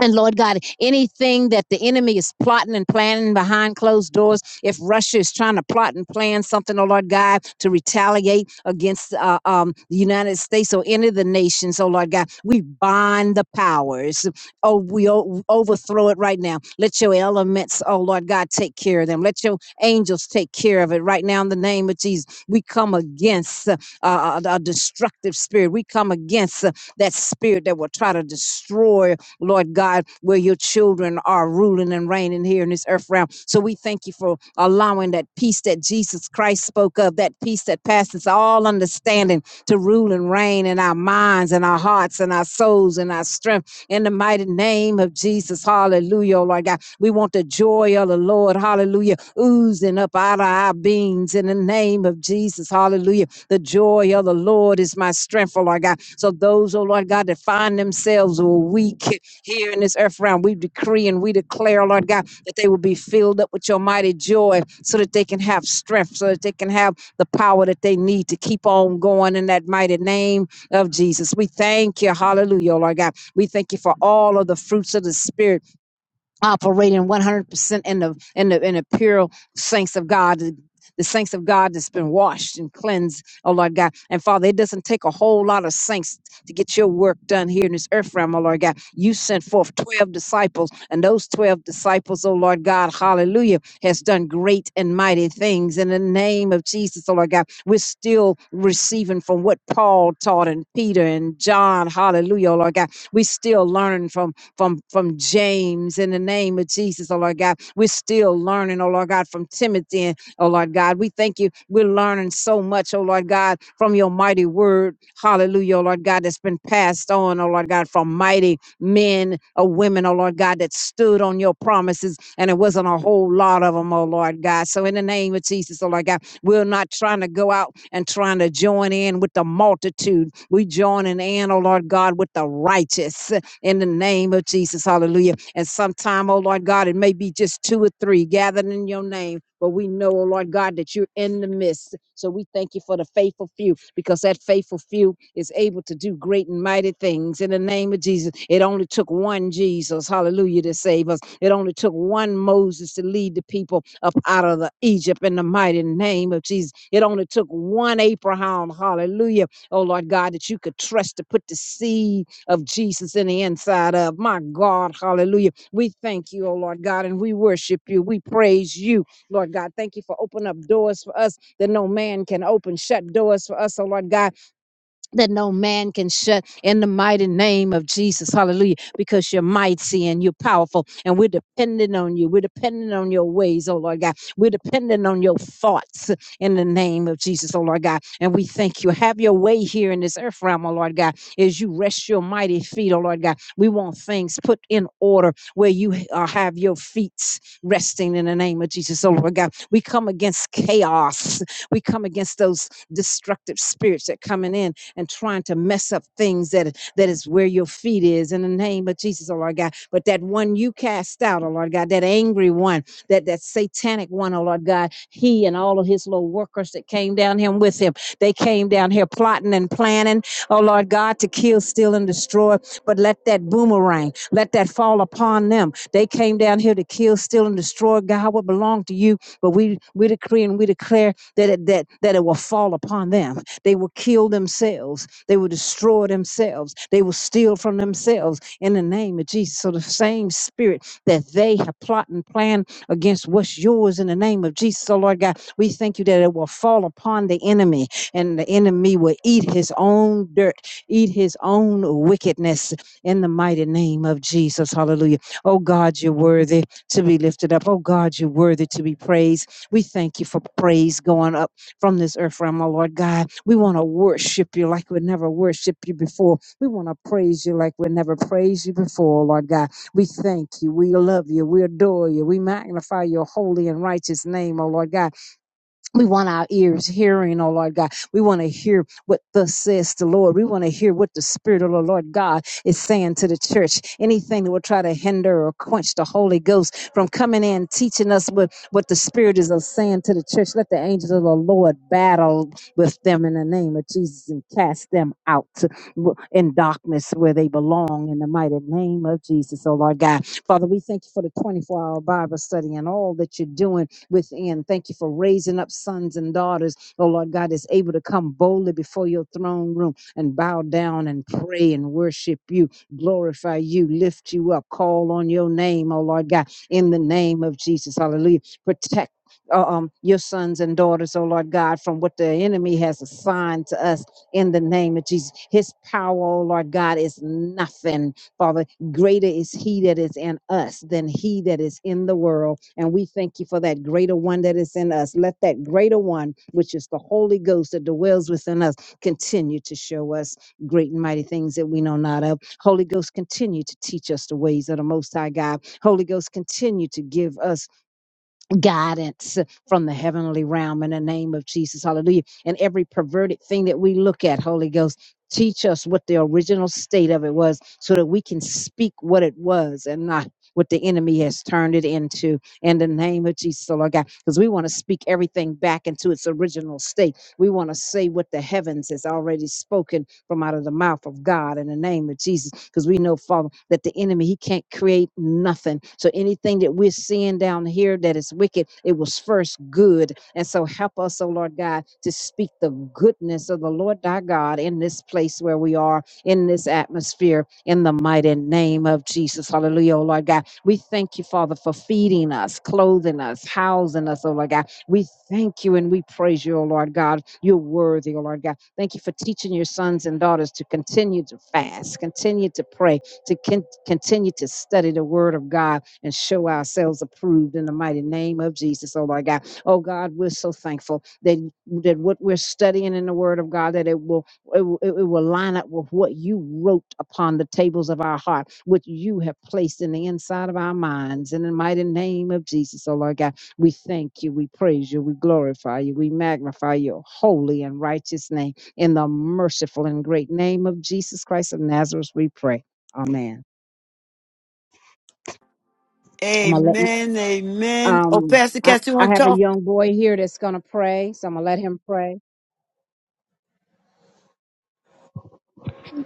[SPEAKER 5] And Lord God, anything that the enemy is plotting and planning behind closed doors, if Russia is trying to plot and plan something, oh Lord God, to retaliate against uh, um, the United States or any of the nations, oh Lord God, we bind the powers. Oh, we o- overthrow it right now. Let your elements, oh Lord God, take care of them. Let your angels take care of it right now in the name of Jesus. We come against uh, uh, a destructive spirit. We come against uh, that spirit that will try to destroy Lord God, where your children are ruling and reigning here in this earth realm. So we thank you for allowing that peace that Jesus Christ spoke of, that peace that passes all understanding to rule and reign in our minds and our hearts and our souls and our strength in the mighty name of Jesus. Hallelujah, oh Lord God. We want the joy of the Lord, hallelujah, oozing up out of our beings in the name of Jesus. Hallelujah. The joy of the Lord is my strength, oh Lord God. So those, oh Lord God, that find themselves weak, here in this earth realm. We decree and we declare, Lord God, that they will be filled up with your mighty joy so that they can have strength, so that they can have the power that they need to keep on going in that mighty name of Jesus. We thank you. Hallelujah, Lord God. We thank you for all of the fruits of the Spirit operating 100% in the in the in the pure saints of God the, the saints of God that's been washed and cleansed oh Lord God and Father it doesn't take a whole lot of saints to get your work done here in this earth realm oh Lord God you sent forth 12 disciples and those 12 disciples oh Lord God hallelujah has done great and mighty things in the name of Jesus oh Lord God we're still receiving from what Paul taught and Peter and John hallelujah oh Lord God we still learning from from from James in the name of Jesus, oh Lord God. We're still learning, oh Lord God, from Timothy, and, oh Lord God. We thank you. We're learning so much, oh Lord God, from your mighty word. Hallelujah, oh Lord God, that's been passed on, oh Lord God, from mighty men or women, oh Lord God, that stood on your promises. And it wasn't a whole lot of them, oh Lord God. So in the name of Jesus, oh Lord God, we're not trying to go out and trying to join in with the multitude. We joining in, oh Lord God, with the righteous in the name of Jesus. Hallelujah. And sometime, oh Lord God, it may be just two or three gathered in your name, but we know, oh Lord God, that you're in the midst. So we thank you for the faithful few because that faithful few is able to do great and mighty things in the name of Jesus. It only took one Jesus, hallelujah, to save us. It only took one Moses to lead the people up out of the Egypt in the mighty name of Jesus. It only took one Abraham, hallelujah, oh Lord God, that you could trust to put the seed of Jesus in the inside of. My God, hallelujah. We thank you, oh Lord God, and we worship you. We praise you, Lord God. Thank you for opening up doors for us that no man can open, shut doors for us, oh Lord God that no man can shut in the mighty name of Jesus. Hallelujah. Because you're mighty and you're powerful, and we're dependent on you. We're dependent on your ways, oh Lord God. We're dependent on your thoughts in the name of Jesus, oh Lord God. And we thank you. Have your way here in this earth realm, oh Lord God, as you rest your mighty feet, oh Lord God. We want things put in order where you uh, have your feet resting in the name of Jesus, oh Lord God. We come against chaos. We come against those destructive spirits that coming in and trying to mess up things that that is where your feet is in the name of Jesus, oh Lord God. But that one you cast out, oh Lord God, that angry one, that that satanic one, oh Lord God, he and all of his little workers that came down here with him, they came down here plotting and planning, oh Lord God, to kill, steal, and destroy. But let that boomerang, let that fall upon them. They came down here to kill, steal, and destroy God what belonged to you. But we we decree and we declare that it that that it will fall upon them they will kill themselves. They will destroy themselves. They will steal from themselves in the name of Jesus. So the same spirit that they have plot and planned against what's yours in the name of Jesus. So Lord God, we thank you that it will fall upon the enemy and the enemy will eat his own dirt, eat his own wickedness in the mighty name of Jesus. Hallelujah. Oh God, you're worthy to be lifted up. Oh God, you're worthy to be praised. We thank you for praise going up from this earth realm, oh Lord God. We want to worship you like we never worshiped you before. We want to praise you like we never praised you before, oh Lord God. We thank you. We love you. We adore you. We magnify your holy and righteous name, oh Lord God. We want our ears hearing, oh Lord God. We want to hear what thus says the Lord. We want to hear what the Spirit of the Lord God is saying to the church. Anything that will try to hinder or quench the Holy Ghost from coming in, teaching us what, what the Spirit is saying to the church. Let the angels of the Lord battle with them in the name of Jesus and cast them out in darkness where they belong in the mighty name of Jesus, oh Lord God. Father, we thank you for the 24 hour Bible study and all that you're doing within. Thank you for raising up sons and daughters, oh Lord God, is able to come boldly before your throne room and bow down and pray and worship you, glorify you, lift you up, call on your name, oh Lord God, in the name of Jesus. Hallelujah. Protect. uh, um, your sons and daughters, oh Lord God, from what the enemy has assigned to us in the name of Jesus. His power, oh Lord God, is nothing, Father greater is he that is in us than he that is in the world. And we thank you for that greater one that is in us. Let that greater one, which is the Holy Ghost that dwells within us, continue to show us great and mighty things that we know not of. Holy Ghost, continue to teach us the ways of the Most High God. Holy Ghost, continue to give us guidance from the heavenly realm in the name of Jesus. Hallelujah. And every perverted thing that we look at, Holy Ghost, teach us what the original state of it was so that we can speak what it was and not what the enemy has turned it into in the name of Jesus, oh Lord God, because we want to speak everything back into its original state. We want to say what the heavens has already spoken from out of the mouth of God in the name of Jesus. Because we know, Father, that the enemy, he can't create nothing. So anything that we're seeing down here that is wicked, it was first good. And so help us, oh Lord God, to speak the goodness of the Lord thy God in this place where we are, in this atmosphere, in the mighty name of Jesus. Hallelujah, oh Lord God. We thank you, Father, for feeding us, clothing us, housing us, oh Lord God. We thank you and we praise you, O Lord God. You're worthy, O Lord God. Thank you for teaching your sons and daughters to continue to fast, continue to pray, to con- continue to study the word of God and show ourselves approved in the mighty name of Jesus, oh my God. Oh God, we're so thankful that, that what we're studying in the word of God, that it will, it will it will line up with what you wrote upon the tables of our heart, what you have placed in the inside of our minds. In the mighty name of Jesus, oh Lord God, we thank you, we praise you, we glorify you, we magnify your holy and righteous name. In the merciful and great name of Jesus Christ of Nazareth, we pray. Amen. I'm gonna let
[SPEAKER 1] Amen, amen. Oh,
[SPEAKER 5] um
[SPEAKER 1] Pastor
[SPEAKER 5] I,
[SPEAKER 1] Cass, you
[SPEAKER 5] I
[SPEAKER 1] want to
[SPEAKER 5] have a
[SPEAKER 1] talk?
[SPEAKER 5] young boy here that's gonna pray, so I'm gonna let him pray.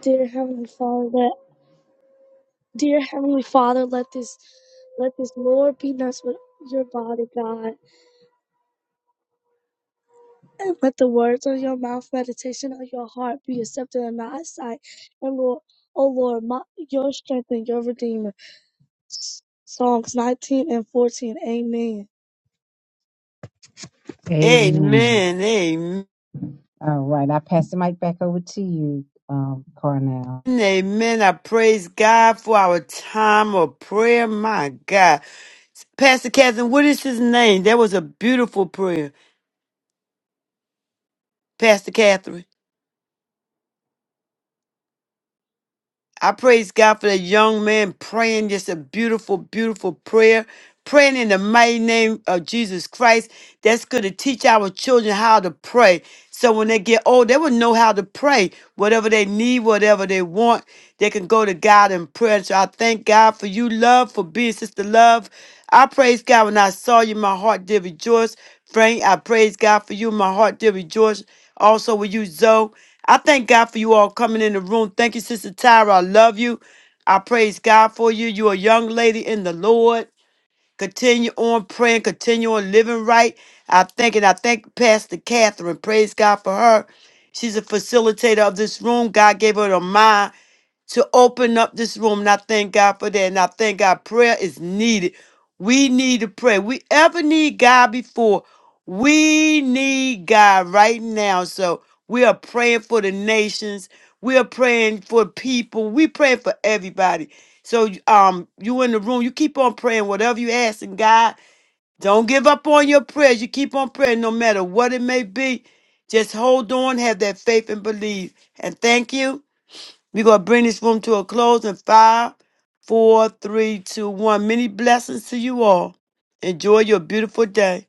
[SPEAKER 5] Dear Heavenly Father, let dear Heavenly Father, let this let this Lord be nuts with your body, God. And let the words of your mouth, meditation of your heart be accepted in thy sight. And Lord, oh Lord, my, your strength and your redeemer. Psalms 19 and 14. Amen. Amen.
[SPEAKER 1] Amen, amen.
[SPEAKER 5] All right, I pass the mic back over to you, um, Carnell.
[SPEAKER 1] Amen. I praise God for our time of prayer. My God. Pastor Catherine, what is his name? That was a beautiful prayer. Pastor Catherine. I praise God for the young man praying just a beautiful, beautiful prayer. Praying in the mighty name of Jesus Christ. That's going to teach our children how to pray. So when they get old, they will know how to pray. Whatever they need, whatever they want, they can go to God in prayer. So I thank God for you, love, for being sister love. I praise God when I saw you, my heart did rejoice. Frank, I praise God for you. My heart did rejoice. Also with you, Zoe. I thank God for you all coming in the room. Thank you, Sister Tyra. I love you. I praise God for you. You're a young lady in the Lord. Continue on praying, continue on living right. I thank it. I thank Pastor Catherine. Praise God for her. She's a facilitator of this room. God gave her the mind to open up this room. And I thank God for that. And I thank God prayer is needed. We need to pray. We ever need God before. We need God right now. So we are praying for the nations. We are praying for people. We praying for everybody. So um you in the room, you keep on praying whatever you asking God. Don't give up on your prayers. You keep on praying no matter what it may be. Just hold on, have that faith and believe. And thank you. We're going to bring this room to a close in five, four, three, two, one. Many blessings to you all. Enjoy your beautiful day.